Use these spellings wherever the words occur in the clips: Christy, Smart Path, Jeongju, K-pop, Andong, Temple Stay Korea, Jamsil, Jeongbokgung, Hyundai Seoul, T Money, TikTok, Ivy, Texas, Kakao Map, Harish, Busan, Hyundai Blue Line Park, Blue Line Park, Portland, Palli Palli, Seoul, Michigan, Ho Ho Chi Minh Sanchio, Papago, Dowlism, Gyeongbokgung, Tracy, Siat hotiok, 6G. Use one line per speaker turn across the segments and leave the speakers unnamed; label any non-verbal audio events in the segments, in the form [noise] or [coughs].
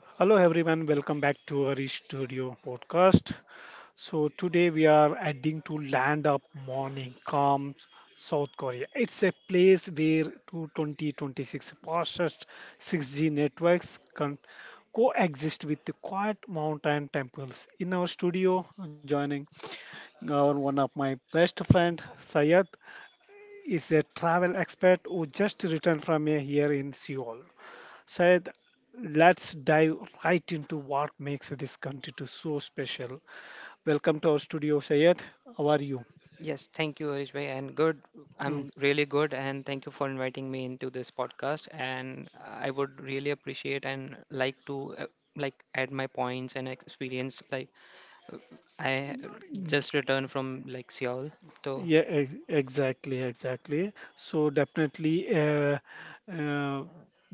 Hello everyone, welcome back to our studio podcast. So today we are heading to land of morning calm, South Korea. It's a place where two 2026 fastest 6G networks can coexist with the quiet mountain temples. In our studio, joining our one of my best friend Sayed is a travel expert who just returned from a year in Seoul. Said, let's dive right into what makes this country to so special. Welcome to our studio, Sayed. How are you?
Yes, thank you, Harish bhai, and good.
Mm.
I'm really good, and thank you for inviting me into this podcast. And I would really appreciate and like to like add my points and experience. Like I just returned from like Seoul, so
Yeah, exactly, exactly. So definitely, uh,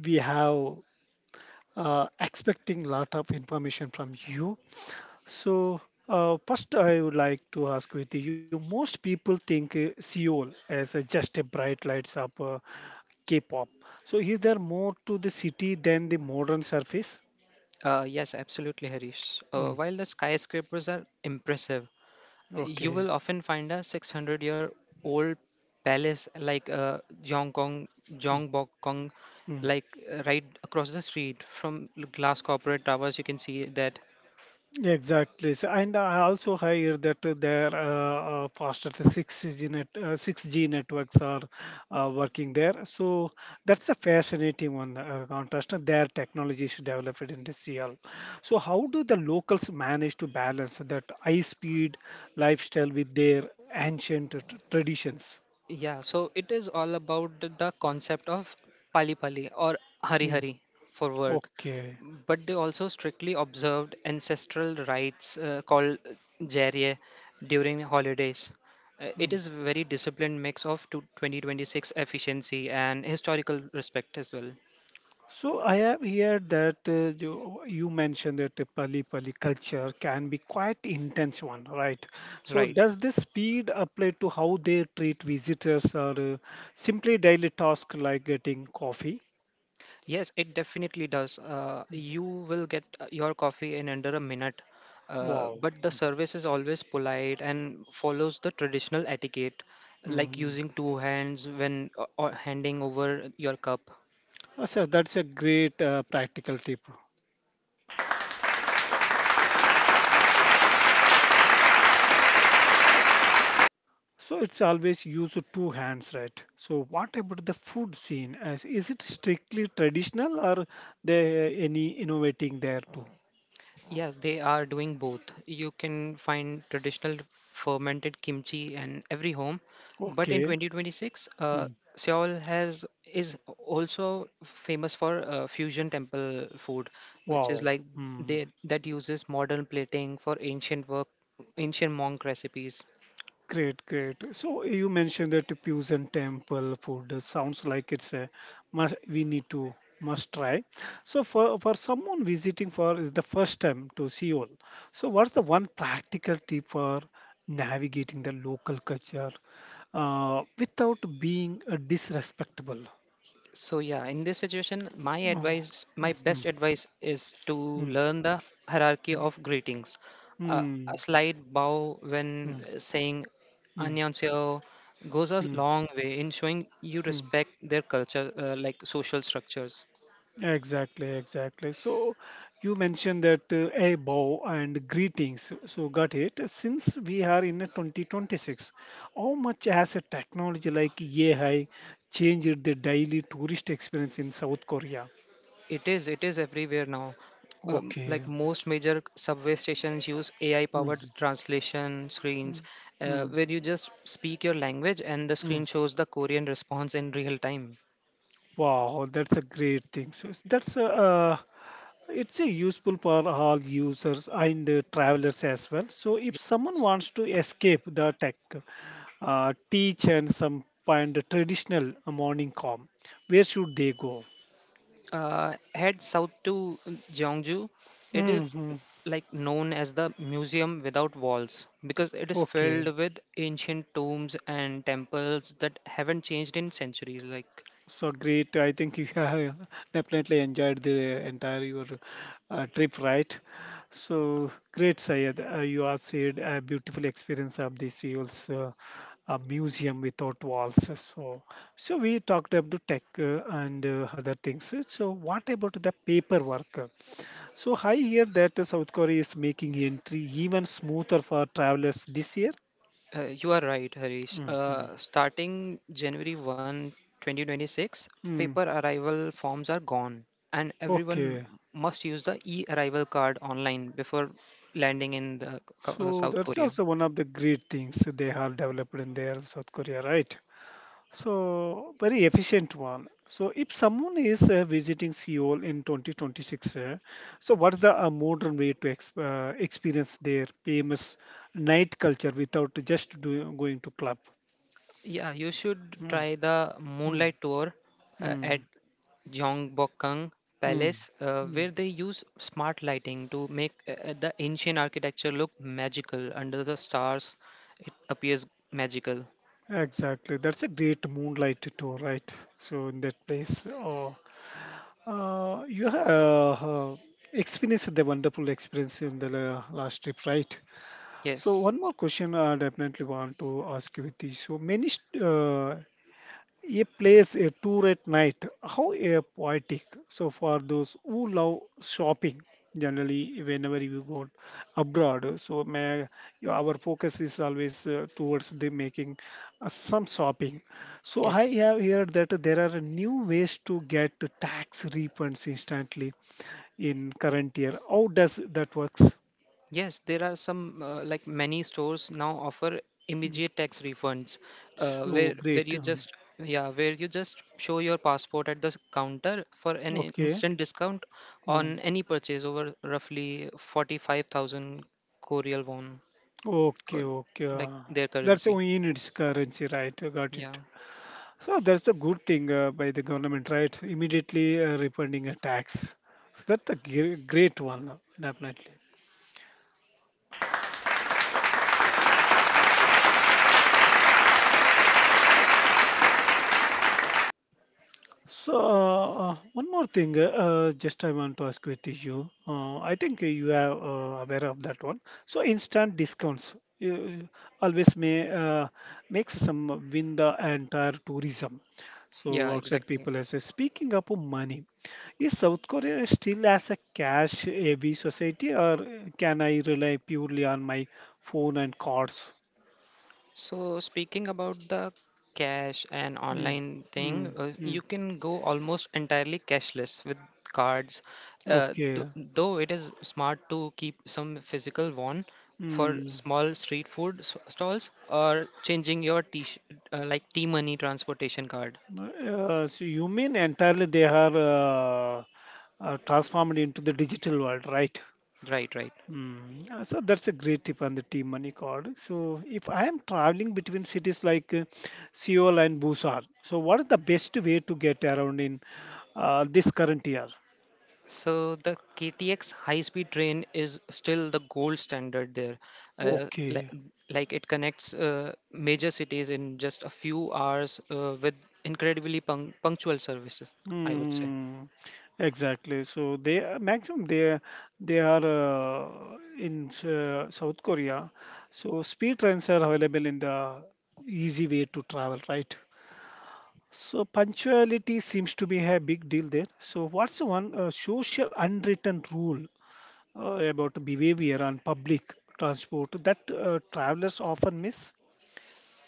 we have expecting lot of information from you. So first, I would like to ask with you. Most people think Seoul as just a bright lights up, K-pop. So is there more to the city than the modern surface?
yes, absolutely, Harish.
Mm,
While the skyscrapers are impressive, you
okay.
will often find a 600-year-old palace like Jeongkong,
Mm,
Jeongbokgung,
mm.
like right across the street from glass corporate towers. You can see that.
Exactly. So, and I also hear that there faster the 6G networks are working there. So that's a fascinating one contrast. Their technology is developed in this year. So how do the locals manage to balance that high speed lifestyle with their ancient traditions?
Yeah, so it is all about the concept of pali pali or hari
Mm,
hari for work,
okay.
but they also strictly observed ancestral rites called jarye during holidays. It
Hmm.
is very disciplined mix of to 2026 efficiency and historical respect as well.
So I have here that you mentioned that the Pali Pali culture can be quite intense one, right? So
Right.
does this speed apply to how they treat visitors or simply daily task like getting coffee?
Yes, it definitely does. You will get your coffee in under a minute,
Wow.
but the service is always polite and follows the traditional etiquette, like
Mm.
using two hands when or handing over your cup.
Oh, sir, that's a great practical tip. So it's always use two hands, right? So what about the food scene? As is it strictly traditional or they any innovating there too?
Yes, they are doing both. You can find traditional fermented kimchi in every home, but in
Okay.
2026,
Hmm.
Seoul has is also famous for fusion temple food, which is
Wow.
like
Mm,
they that uses modern plating for ancient work, ancient monk recipes.
great, great. So you mentioned that the Pusan and temple food sounds like it's a must. We need to must try. So for someone visiting for is the first time to Seoul. So what's the one practical tip for navigating the local culture without being disrespectful?
So yeah, in this situation, my
Oh.
advice, my
Mm,
best advice is to learn the hierarchy of greetings.
mm,
A
mm,
slight bow
mm,
when
mm,
saying
mm,
"annyeonghaseyo" goes a
mm,
long way in showing you
mm.
respect their culture, like social structures.
Exactly, exactly. So you mentioned that a bow and greetings. So got it. Since we are in a 2026, how much has a technology like AI changed the daily tourist experience in South Korea?
It is everywhere now.
Okay.
Like most major subway stations use AI-powered
Mhm.
translation screens,
Mm, mm,
where you just speak your language and the
mm.
screen shows the Korean response in real time.
Wow, that's a great thing. So that's a, it's a useful for all users and travelers as well. So if someone wants to escape the tech, tea chants some and the traditional morning calm. Where should they go?
Head south to Jeongju. It is
Hmm, hmm.
like known as the museum without walls because it is
Okay,
filled with ancient tombs and temples that haven't changed in centuries. Like
so great. I think you have [laughs] definitely enjoyed the entire your trip, right? So great, Sayed. You have said a beautiful experience of the Seoul's museum without walls. So, so we talked about the tech and other things. So, what about the paperwork? So I hear that South Korea is making entry even smoother for travelers this year.
you are right, Harish.
Mhm.
Starting January 1, 2026, paper
Mm.
arrival forms are gone, and everyone
Okay,
must use the e-arrival card online before landing in the
so
South
that's
Korea.
also one of the great things they have developed in their South Korea, right? So very efficient one. So if someone is visiting Seoul in 2026, so what's the modern way to ex experience their famous night culture without just do going to club?
Yeah, you should
Mm.
try the
Mm.
moonlight tour
Mm.
at Gyeongbokgung
Mm.
Palace,
Mm.
where they use smart lighting to make the ancient architecture look magical. Under the stars, it appears magical.
Exactly. That's a great moonlight tour, right? So in that place, oh, you have uh, experienced the wonderful experience in the last trip, right? So
Yes,
one more question I definitely want to ask you, Viti. So many a place a tour at night. How a poetic. So for those who love shopping, generally whenever you go abroad, so may, yeah, our focus is always towards the making some shopping. So I
yes.
have heard that there are new ways to get tax refunds instantly in current year. How does that works?
Yes, there are some like many stores now offer
Mm,
immediate tax refunds,
so
where
great.
you
Mm,
just yeah where you just show your passport at the counter for an
okay.
instant discount
Hmm.
on any purchase over roughly 45,000 Korean won,
Okay,
or
okay.
like their
That's
currency.
only in its currency, right? I got
Yeah,
it. So that's the good thing by the government, right? Immediately refunding a tax. So that's a great one, definitely. So, one more thing, just I want to ask with you. I think you are aware of that one. So, instant discounts you always may makes some win the entire tourism. So,
yeah,
outside
exactly.
people as well. Speaking of money, is South Korea still as a cash heavy society, or can I rely purely on my phone and cards?
So, speaking about the cash and
Mm,
online thing,
mm, mm.
you can go almost entirely cashless with cards. Uh,
Okay.
th- though it is smart to keep some physical one for
Hmm.
small street food stalls or changing your like T money transportation card.
So you mean entirely they are transformed into the digital world, right?
Right, right.
Mm. So that's a great tip on the team money card. So if I am traveling between cities like Seoul and Busan, so what is the best way to get around in this current year?
So the KTX high-speed train is still the gold standard there. Uh,
Okay.
like, like it connects major cities in just a few hours with incredibly punctual services, I would say.
Hmm. Exactly. So they maximum they are in South Korea. So speed trains are available in the easy way to travel, right? So punctuality seems to be a big deal there. So what's the one social unwritten rule about behavior on public transport that travelers often miss?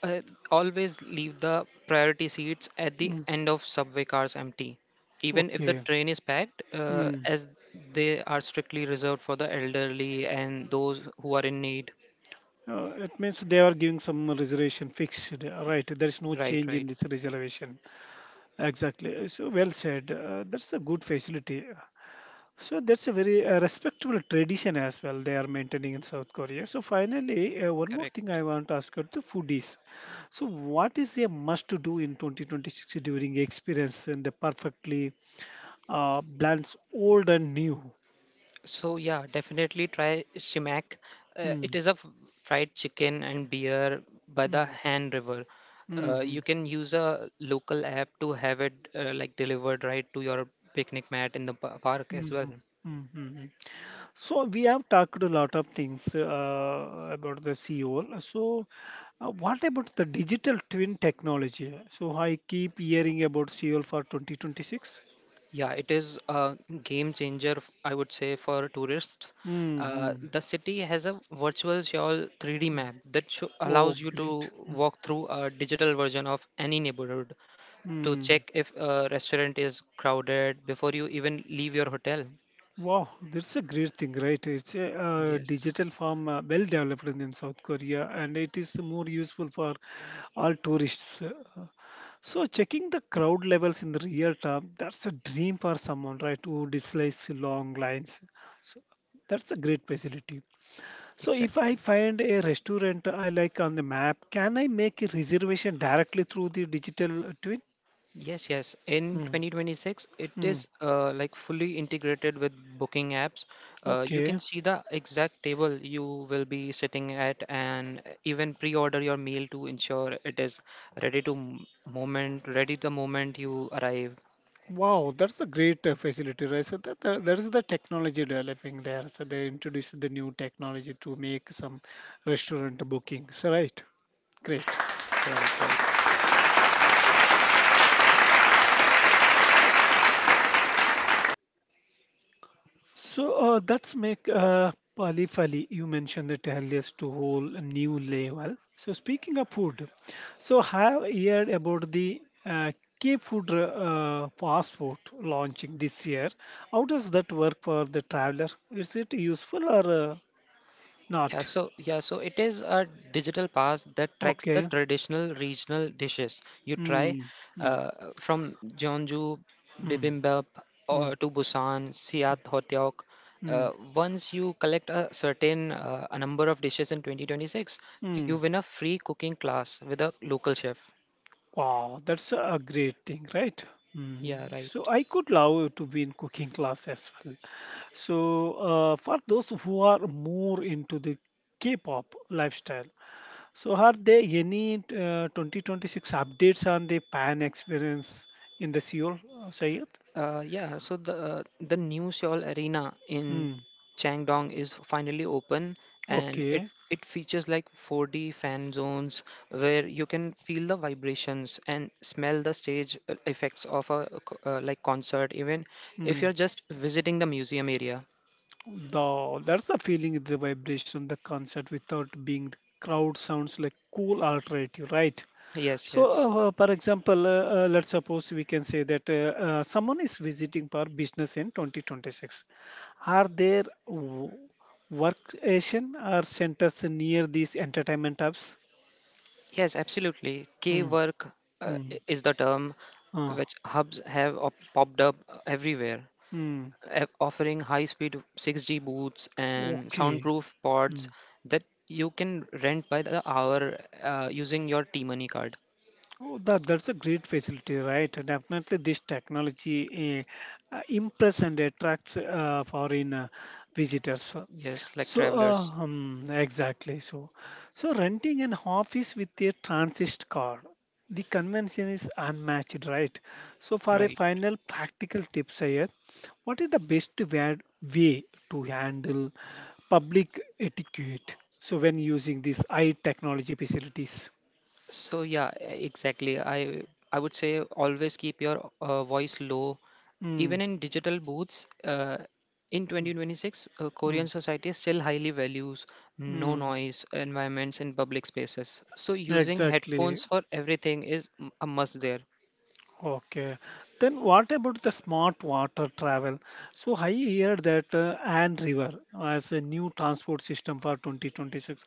Uh, Always leave the priority seats at the
Mm,
end of subway cars empty, even if the
okay.
train is packed,
Hmm.
as they are strictly reserved for the elderly and those who are in need.
It means they are giving some reservation fixed, right? There is no
Right,
change in
right,
this reservation. Exactly. So well said. That's a good facility. So that's a very respectable tradition as well they are maintaining in South Korea. So finally, one more thing I
correct.
want to ask about the foodies. So what is a must to do in 2026 during experience and the perfectly blends old and new?
So yeah, definitely try Simac. It
Mm,
is a fried chicken and beer by the
mm,
Han River. You
mhm,
can use a local app to have it like delivered right to your picnic mat in the park as well.
mhm, mhm, mhm. So we have talked a lot of things about the CEO. So what about the digital twin technology? So I keep hearing about CEO for 2026.
Yeah, it is a game changer, I would say, for tourists.
Hmm.
The city has a virtual shawl 3D map that sho
Oh,
allows you
great.
to walk through a digital version of any neighborhood to
Mm-hmm.
check if a restaurant is crowded before you even leave your hotel.
Wow, that's a great thing, right? It's a
Yes,
digital farm well developed in South Korea and it is more useful for all tourists. So, checking the crowd levels in the real time, that's a dream for someone, right, who dislikes long lines. So, that's a great facility. So, if I
exactly.
find a restaurant I like on the map, can I make a reservation directly through the digital twin?
Yes, yes. In
Mm,
2026, it
mm,
is like fully integrated with booking apps. You
okay.
can see the exact table you will be sitting at and even pre-order your meal to ensure it is ready the moment you arrive.
Wow, that's a great facility, right? So that is the technology developing there. So they introduced the new technology to make some restaurant bookings, right? Great.
Right, right.
So that's make Pali Fali. You mentioned it earlier to whole new level. So speaking of food, so have heard about the K food fast food launching this year. How does that work for the traveler? Is it useful or
Yeah,
not?
so yeah, so it is a digital pass that tracks the
Okay.
traditional regional dishes you try,
Mm, mm,
uh, from Jeonju
mm,
bibimbap
mm,
or to Busan, Siat hotiok.
mm,
Once you collect a certain a number of dishes in 2026, you
mm.
win a free cooking class with a local chef.
Wow, that's a great thing, right?
Yeah,
Mm.
right.
So I could love to be in cooking class as well. So for those who are more into the K-pop lifestyle, so are there any 2026 updates on the pan experience in the Seoul, Sayed?
The new Seoul Arena in
Mm.
Changdong is finally open, and it
Okay.
it features like 4D fan zones where you can feel the vibrations and smell the stage effects of a like concert, even if
Hmm.
you're just visiting the museum area.
The that's the feeling, the vibration, the concert without being the crowd sounds like cool alternative, right?
Yes,
So,
yes,
for example, let's suppose we can say that someone is visiting for business in 2026. Are there workstation or centers near these entertainment hubs?
yes, absolutely.
Hmm.
K-work
Hmm.
is the term
Uh,
which hubs have popped up everywhere,
hmm.
a- offering high speed 6G booths and
Okay.
soundproof pods
Hmm.
that you can rent by the hour using your T Money card.
Oh, that's a great facility, right? Definitely, this technology impress and attracts foreign visitors.
Yes, like
So,
travelers,
exactly. So, so renting an office with a transit card, the convention is unmatched, right? So, for a
right?
final practical tips here, what is the best way to handle public etiquette? So, when using these high technology facilities.
So yeah, exactly. I would say always keep your voice low, even
Mm,
in digital booths. In 2026, Korean
mm,
society still highly values no
mm,
noise environments in public spaces. So using
exactly.
headphones for everything is a must there.
Okay. Then what about the smart water travel? So I hear that Anne River as a new transport system for 2026.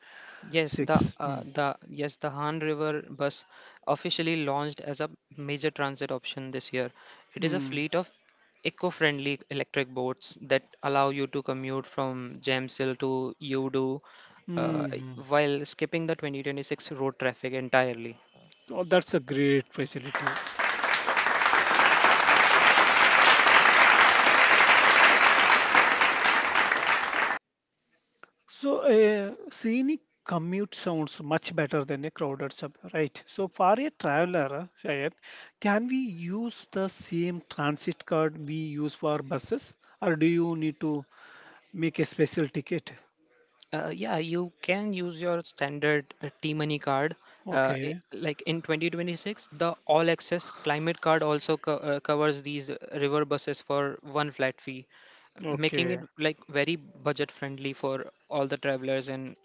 Yes, the
Six.
uh,
Mm,
the yes the Han River bus officially launched as a major transit option this year. It is a
mm,
fleet of eco-friendly electric boats that allow you to commute from Jamsil to Udu, uh,
mm.
while skipping the 2026 road traffic entirely.
Oh, that's a great facility. So a scenic commute sounds much better than a crowded sub, right? So for a traveler, Shayad, can we use the same transit card we use for buses, or do you need to make a special ticket.
Yeah, you can use your standard T-Money card.
Okay.
Like in 2026, the All Access Climate Card also covers these river buses for one flat fee, making it
Okay.
like very budget friendly for all the travelers and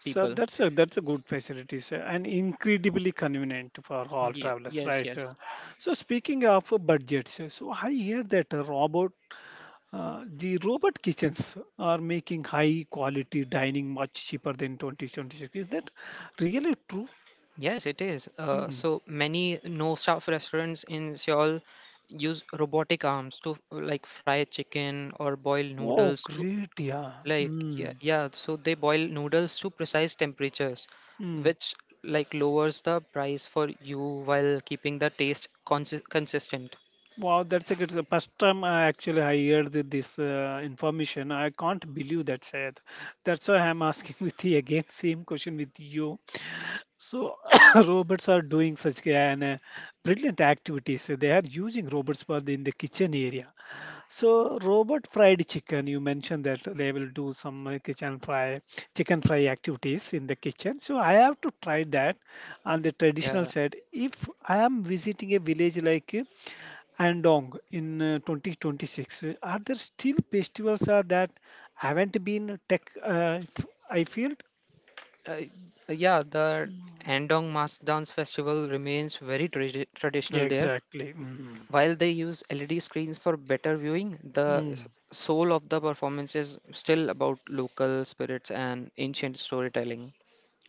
So
people.
that's a good facility, sir, and incredibly convenient for all
Yeah,
travelers,
yes,
right?
yes.
So speaking of budgets, so I hear that robot the robot kitchens are making high quality dining much cheaper than 2026. Is that really true?
Yes, it is.
Mm.
So many no-staff restaurants in Seoul use robotic arms to like fry chicken or boil
Oh,
noodles to
great! Yeah.
like yeah, yeah. So they boil noodles to precise temperatures,
Mm.
which like lowers the price for you while keeping the taste consistent.
Wow, that's a good. The first time I actually I heard this information. I can't believe that, Shayad. That's why I'm asking [laughs] with the again same question with you. So [coughs] robots are doing such an brilliant activities. So they are using robots for the, in the kitchen area. So robot fried chicken, you mentioned that they will do some kitchen fry, chicken fry activities in the kitchen. So I have to try that on the
Yeah,
traditional
yeah.
side. If I am visiting a village like Andong in 2026, are there still festivals that haven't been tech? I feel.
Uh, yeah, the Andong Mask Dance Festival remains very
Yeah,
traditional there.
exactly. Mhm.
While they use LED screens for better viewing, the
Mm,
soul of the performance is still about local spirits and ancient storytelling.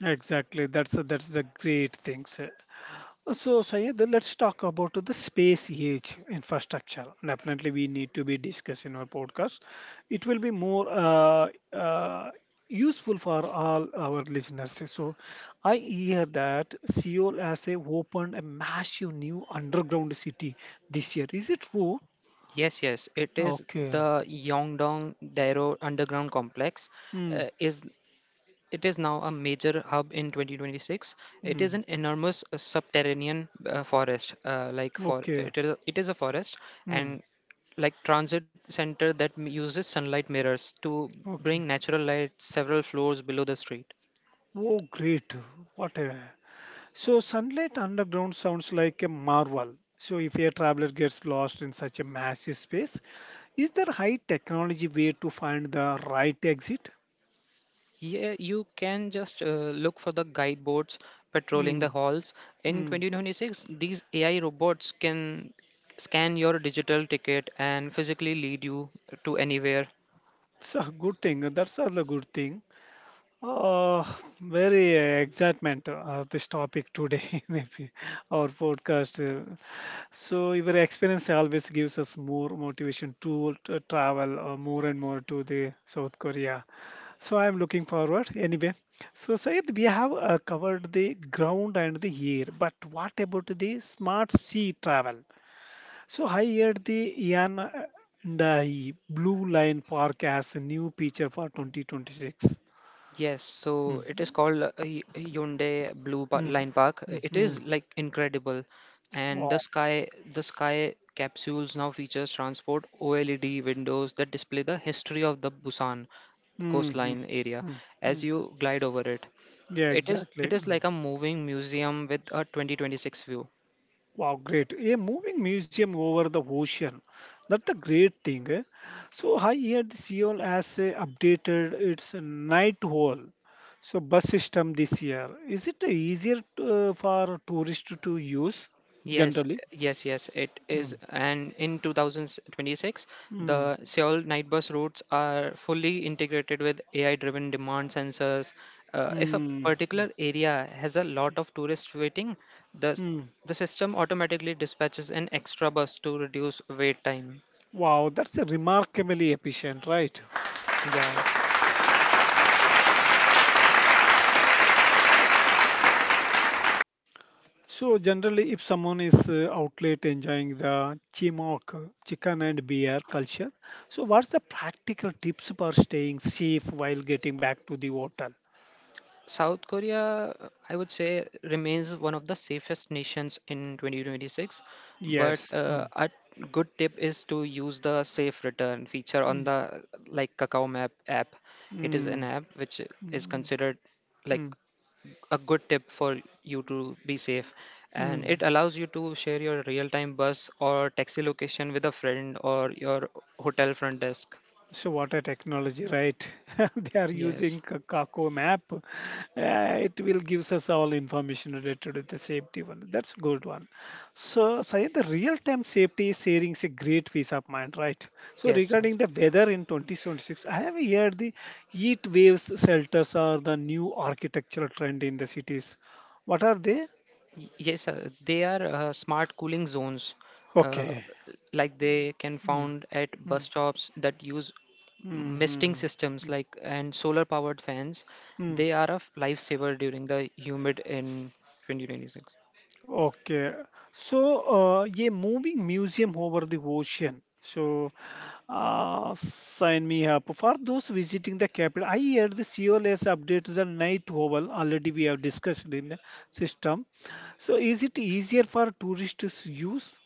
exactly. That's the great things. So, Sayed, let's talk about the space age infrastructure. Definitely, we need to be discussed in our podcast. It will be more uh, useful for all our listeners. So, I hear that Seoul has a opened a massive new underground city this year. Is it true?
Yes, yes, it is
Okay.
the Yongdong Dairo Underground Complex.
Hmm.
Is It is now a major hub in 2026. It is an
Hmm.
enormous subterranean forest, like for
Okay.
it is a forest
Hmm.
and like transit center that uses sunlight mirrors to bring
Okay.
natural light several floors below the street.
Oh, great. What a So sunlight underground sounds like a marvel. So if a traveler gets lost in such a massive space, is there high technology way to find the right exit?
Yeah, you can just look for the guide boards patrolling
Hmm.
the halls. In
Hmm.
2026, these AI robots can scan your digital ticket and physically lead you to anywhere.
So good thing. That's all a good thing. Oh, very excitement this topic today [laughs] maybe our podcast so your experience always gives us more motivation to travel more and more to the south korea. So I'm looking forward anyway. So Sayed, we have covered the ground and the air, but what about the smart sea travel? So I heard the ian and the blue line park as a new feature for 2026.
Yes, so it is
Mhm.
called Hyundai Blue
Mm,
Line Park. It is
mhm.
like incredible, and the
Wow.
sky the sky capsules now features transport OLED windows that display the history of the Busan
Mhm.
coastline area
Mm,
as
mm.
you glide over it.
Yeah,
It is
exactly.
it is
Mm.
like a moving museum with a 2026 view.
Wow, great. A moving museum over the ocean. That's a great thing, eh? So I hear the Seoul has updated its night hall. So bus system this year. Is it easier for tourists to use
Yes,
generally?
yes, yes, it is.
Mm,
And in 2026,
mm,
the Seoul night bus routes are fully integrated with AI-driven demand sensors. If a
mm,
particular area has a lot of tourists waiting, the
mm.
the system automatically dispatches an extra bus to reduce wait time.
Wow, that's a remarkably efficient, right?
Yeah.
So generally, if someone is out late enjoying the chimok, chicken and beer culture, so what's the practical tips for staying safe while getting back to the hotel?
South Korea, I would say, remains one of the safest nations in 2026. But
Yes. Mm.
a good tip is to use the safe return feature on
Mm.
the like Kakao Map app. It is an
Mm.
app which is
Mm.
considered like
Mm.
a good tip for you to be safe, and
Mm.
it allows you to share your real-time bus or taxi location with a friend or your hotel front desk.
So what a technology, right? [laughs] They are
Yes,
using Kako map. It will gives us all information related to the safety one. That's good one. So, Syed, the real-time safety sharing is a great piece of mind, right? So
yes,
regarding the weather in 2026, I have heard the heat waves shelters are the new architectural trend in the cities. What are they?
Yes, sir. They are smart cooling zones, uh,
Okay.
like they can found at bus stops that use misting
Mm-hmm.
systems, like and solar-powered fans. They are a lifesaver during the humid in 2026.
Okay, so yeah, moving museum over the ocean. So sign me up for those visiting the capital. I heard the COL has updated the night oval. Already we have discussed in the system. So is it easier for tourists to use?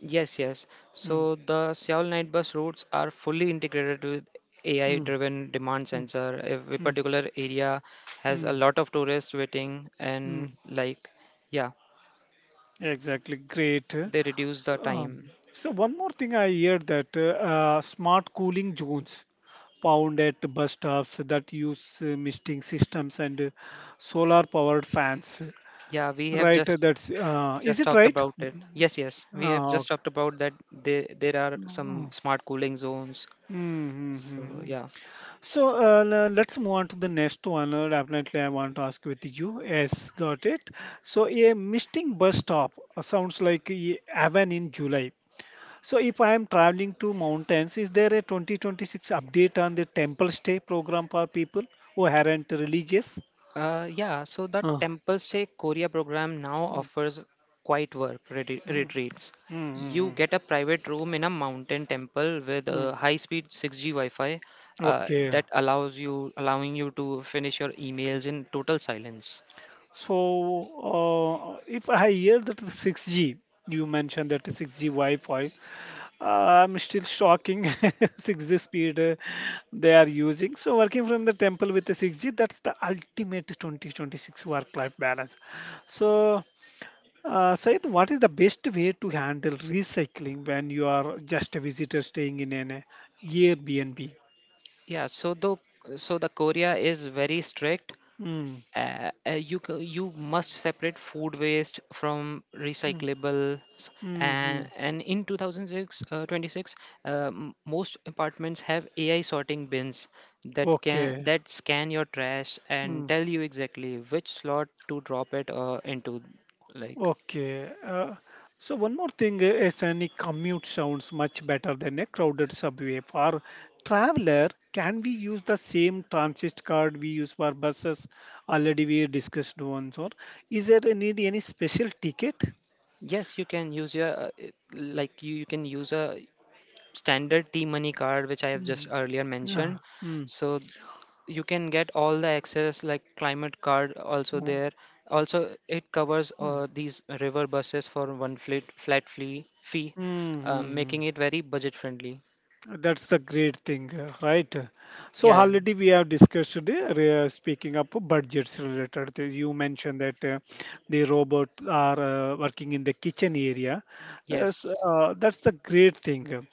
Yes, yes.
Mm,
So the Seoul night bus routes are fully integrated with
mm,
AI-driven demand
mm,
sensor. If a
mm,
particular area has
mm,
a lot of tourists waiting, and
mm.
like, yeah,
Exactly, great. So,
they reduce the time.
so one more thing I heard that smart cooling zones. Found at bus stops that use misting systems and solar powered fans.
Yeah, we have
Right,
just
that's is
just
it
talked
right?
about it. Yes, yes. We have
Uh,
just talked about that there are some smart cooling zones. So
Mm-hmm.
yeah.
So let's move on to the next one. Definitely, I want to ask with you. Yes, got it. So a misting bus stop sounds like a heaven in July. So if I am traveling to mountains, is there a 2026 update on the temple stay program for people who aren't religious?
Yeah, so the
Uh,
Temple Stay Korea program now
Mm,
offers quiet
mm,
retreats.
mm, mm,
You
mm.
get a private room in a mountain temple with
Mm.
a high-speed 6G Wi-Fi
Okay.
that allows you allowing you to finish your emails in total silence.
So, if I hear that the 6G, you mentioned that the 6G Wi-Fi, I'm still shocking [laughs] 6G speed they are using. So, working from the temple with the 6G, that's the ultimate 2026 work-life balance. So, Said, what is the best way to handle recycling when you are just a visitor staying in an Airbnb?
Yeah, so though so the Korea is very strict.
Mm,
You you must separate food waste from
mm,
recyclables,
mm, mm.
and in 2006, 26, most apartments have ai sorting bins that can
Okay.
that scan your trash and
Mm.
tell you exactly which slot to drop it into. like
Okay. So one more thing, a scenic commute sounds much better than a crowded subway. For traveler, can we use the same transit card we use for buses? Already we discussed once. Or is there a need any special ticket?
yes, you can use your you can use a standard t money card which I have just
Mm.
earlier mentioned.
Ah, mm,
So you can get all the access, like climate card also
mm,
there. Also it covers
mm,
these river buses for one flat fee,
mm, mm.
making it very budget friendly.
That's the great thing, right? So
Yeah, yeah.
already we have discussed today, speaking of budgets related to. You mentioned that the robot are working in the kitchen area.
Yes,
That's the great thing.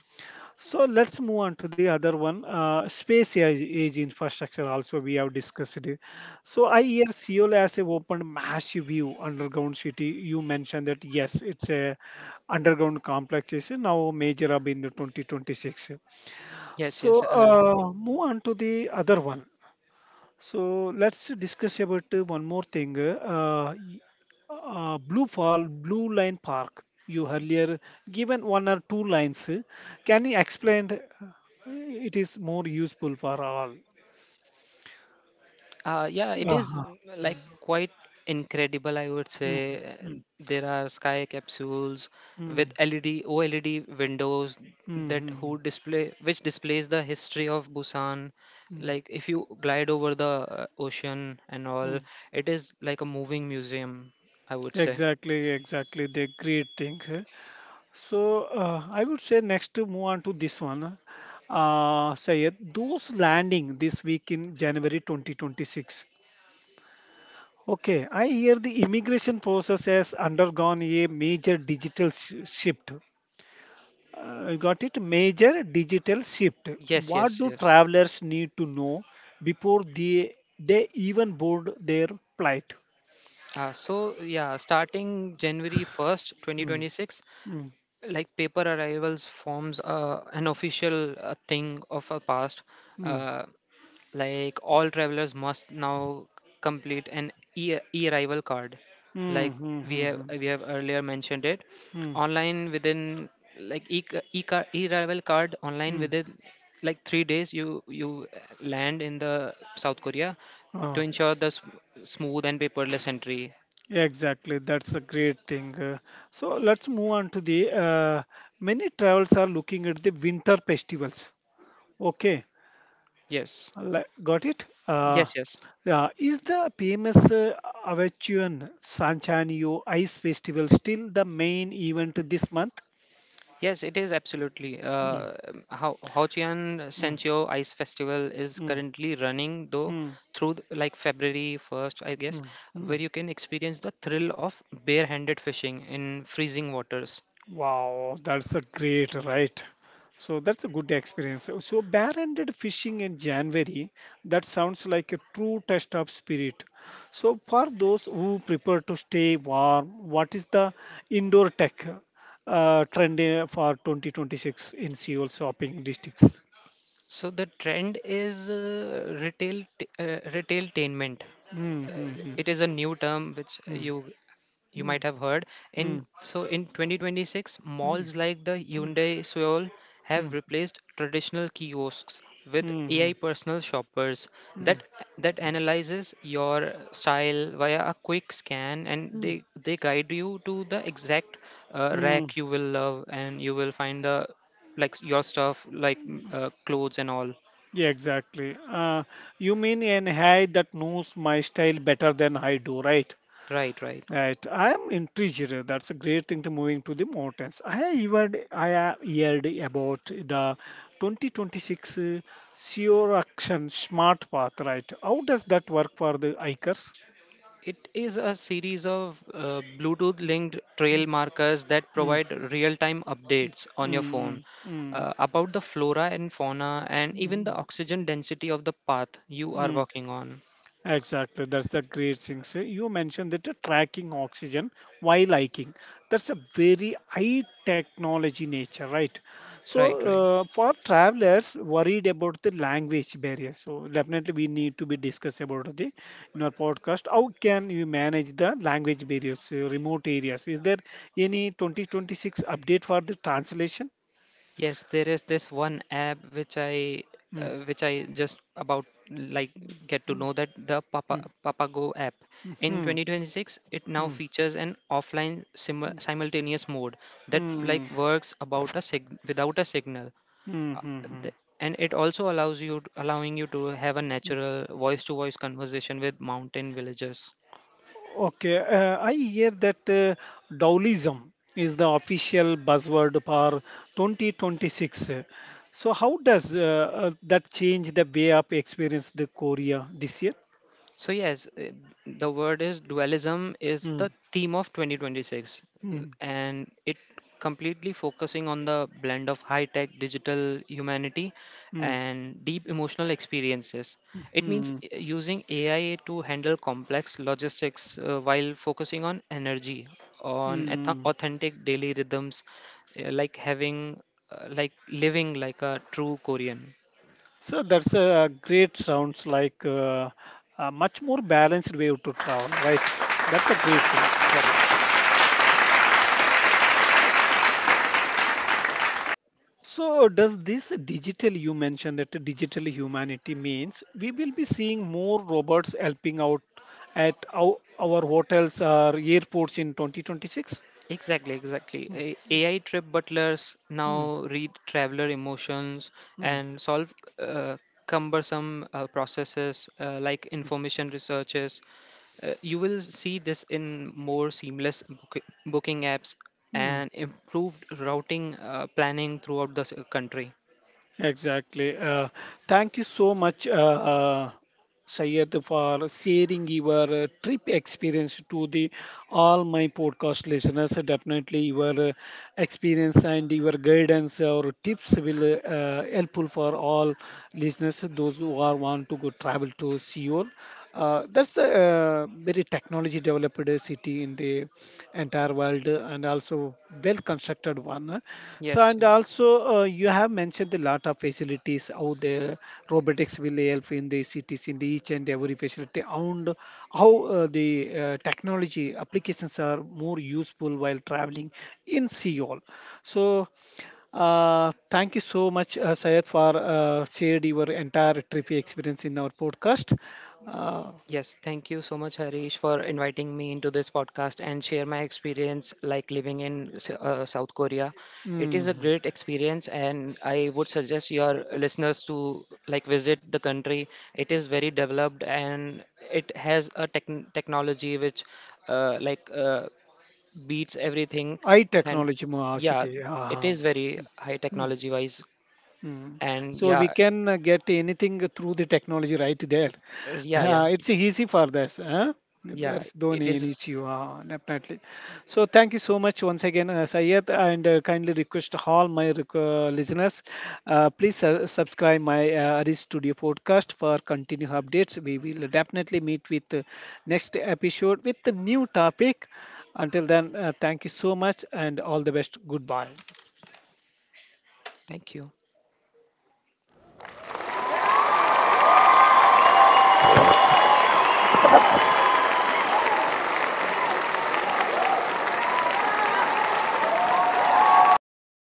So let's move on to the other one. Space age infrastructure also we have discussed today. So I hear Seoul has a open massive view underground city. You mentioned that yes, it's a underground complex is now major hub in the 2026.
yes, yes,
So
earlier.
move on to the other one. So let's discuss about one more thing. Blue Fall, Blue Line Park. You earlier given one or two lines. Can you explain? It is more useful for all.
Yeah, it is
Uh-huh.
like quite incredible, I would
Mm,
say. And
mm,
there are sky capsules with
mm,
LED, OLED windows
mm,
that who
mm,
display which displays the history of Busan.
mm,
Like if you glide over the ocean and all,
mm.
it is like a moving museum, I would say.
Exactly, exactly. They great things, eh. So I would say next to move on to this one. Sayed, those landing this week in January 2026. Okay, I hear the immigration process has undergone a major digital shift. You got it? Major digital shift.
Yes,
What
yes,
do
yes.
travelers need to know before they even board their flight?
So yeah, starting January 1st,
Mm,
2026,
mm,
like paper arrivals forms, an official thing of a past.
mm,
uh, like all travelers must now complete an e-arrival card,
mm,
like
mm,
we
mm,
have
mm,
we have earlier mentioned it,
mm.
online within like e- e-arrival card online
Mm.
within like 3 days you land in the south korea, to
Oh,
ensure the smooth and paperless entry.
exactly. That's a great thing. So let's move on to the many travels are looking at the winter festivals. Okay,
Yes,
Got it.
yes, yes.
Yeah, is the famous Avichuan Sanchanio Ice Festival still the main event this month?
Yes, it is absolutely.
Mm,
Ho Ho Chi Minh
mm,
Sanchio Ice Festival is
mm,
currently running, though
mm,
through like February 1st, I guess,
mm, mm.
where you can experience the thrill of barehanded fishing in freezing waters.
Wow, that's a great, right? So that's a good experience. So barehanded fishing in January, that sounds like a true test of spirit. So for those who prefer to stay warm, what is the indoor tech trend for 2026 in Seoul shopping districts?
So the trend is retailtainment.
Mm, mm,
It is a new term which
mm,
you
mm,
might
mm,
have heard.
mm,
In 2026, malls like the
mm,
Hyundai Seoul have
mm,
replaced traditional kiosks
mm,
with
mm,
AI
mm,
personal shoppers
mm,
that that analyzes your style via a quick scan, and
mm,
they guide you to the exact
mm.
rack you will love, and you will find the like your stuff like clothes and all.
Yeah, exactly. You mean an AI that knows my style better than I do, right?
Right, right.
Right. I am intrigued. That's a great thing to moving to the mountains. I have heard about the 2026 Sure Action Smart Path, right? How does that work for the hikers?
It is a series of Bluetooth linked trail markers that
Mm,
provide real time updates on your
mm, mm,
phone,
mm,
about the flora and fauna and even
mm,
the oxygen density of the path you are
mm.
walking on.
Exactly, that's the great thing. So you mentioned that the tracking oxygen while hiking. That's a very high technology nature, right?
Right, right.
So for travelers worried about the language barrier, so definitely we need to be discuss about the in our podcast. How can you manage the language barriers, remote areas? Is there any 2026 update for the translation?
Yes, there is this one app which I,
Mm,
which I just about like get to know, that the
mm,
Papago app.
mm,
In
mm,
2026, it now
mm,
features an offline simultaneous mode that
mm,
like
mm,
works about without a signal.
mm,
Uh, th-
mm.
and it also allows you allowing you to have a natural voice to voice conversation with mountain villagers.
Okay, I hear that Dowlism is the official buzzword for 2026. So, how does that change the way of experience the Korea this year?
So yes, the word is dualism is the
Mm,
theme of 2026,
mm,
and it completely focusing on the blend of high tech digital humanity
mm,
and deep emotional experiences. It means
mm,
using AI to handle complex logistics, while focusing on energy, on
mm.
authentic daily rhythms, like having like living like a true Korean.
So that's a great sounds like a much more balanced way to travel, right? That's a great thing. So, does this digital you mentioned that the digital humanity means we will be seeing more robots helping out at our hotels or airports in 2026?
Exactly, exactly. AI trip butlers
Hmm,
now read traveler emotions
hmm,
and solve uh, cumbersome processes, like information researches. You will see this in more seamless booking apps
hmm.
and improved routing planning throughout the country.
Exactly. Thank you so much, Sayed, for sharing your trip experience to the all my podcast listeners. Definitely, your experience and your guidance or tips will helpful for all listeners those who are want to go travel to Seoul. That's a very technology developed city in the entire world and also well constructed one Anna. So,
Yes,
and
yes.
also you have mentioned a lot of facilities out there. Robotics will help in the cities, in the each and every facility, and how the technology applications are more useful while traveling in Seoul. So, thank you so much, Syed, for shared your entire trip experience in our podcast. Uh,
Yes, thank you so much, Harish, for inviting me into this podcast and share my experience like living in South Korea. It is a
mm.
great experience, and I would suggest your listeners to like visit the country. It is very developed, and it has a technology which uh, like uh, beats everything.
I
And
technology more
yeah,
city.
it is very high technology wise.
Mm.
And
So we
yeah,
can get anything through the technology right there.
yeah, yeah,
It's easy for us. Huh?
yeah.
There's no an
It is.
issue, definitely. So thank you so much once again, Sayed, and kindly request all my listeners, please subscribe my Aris Studio podcast for continued updates. We will definitely meet with next episode with the new topic. Until then, thank you so much and all the best. Goodbye.
Thank you.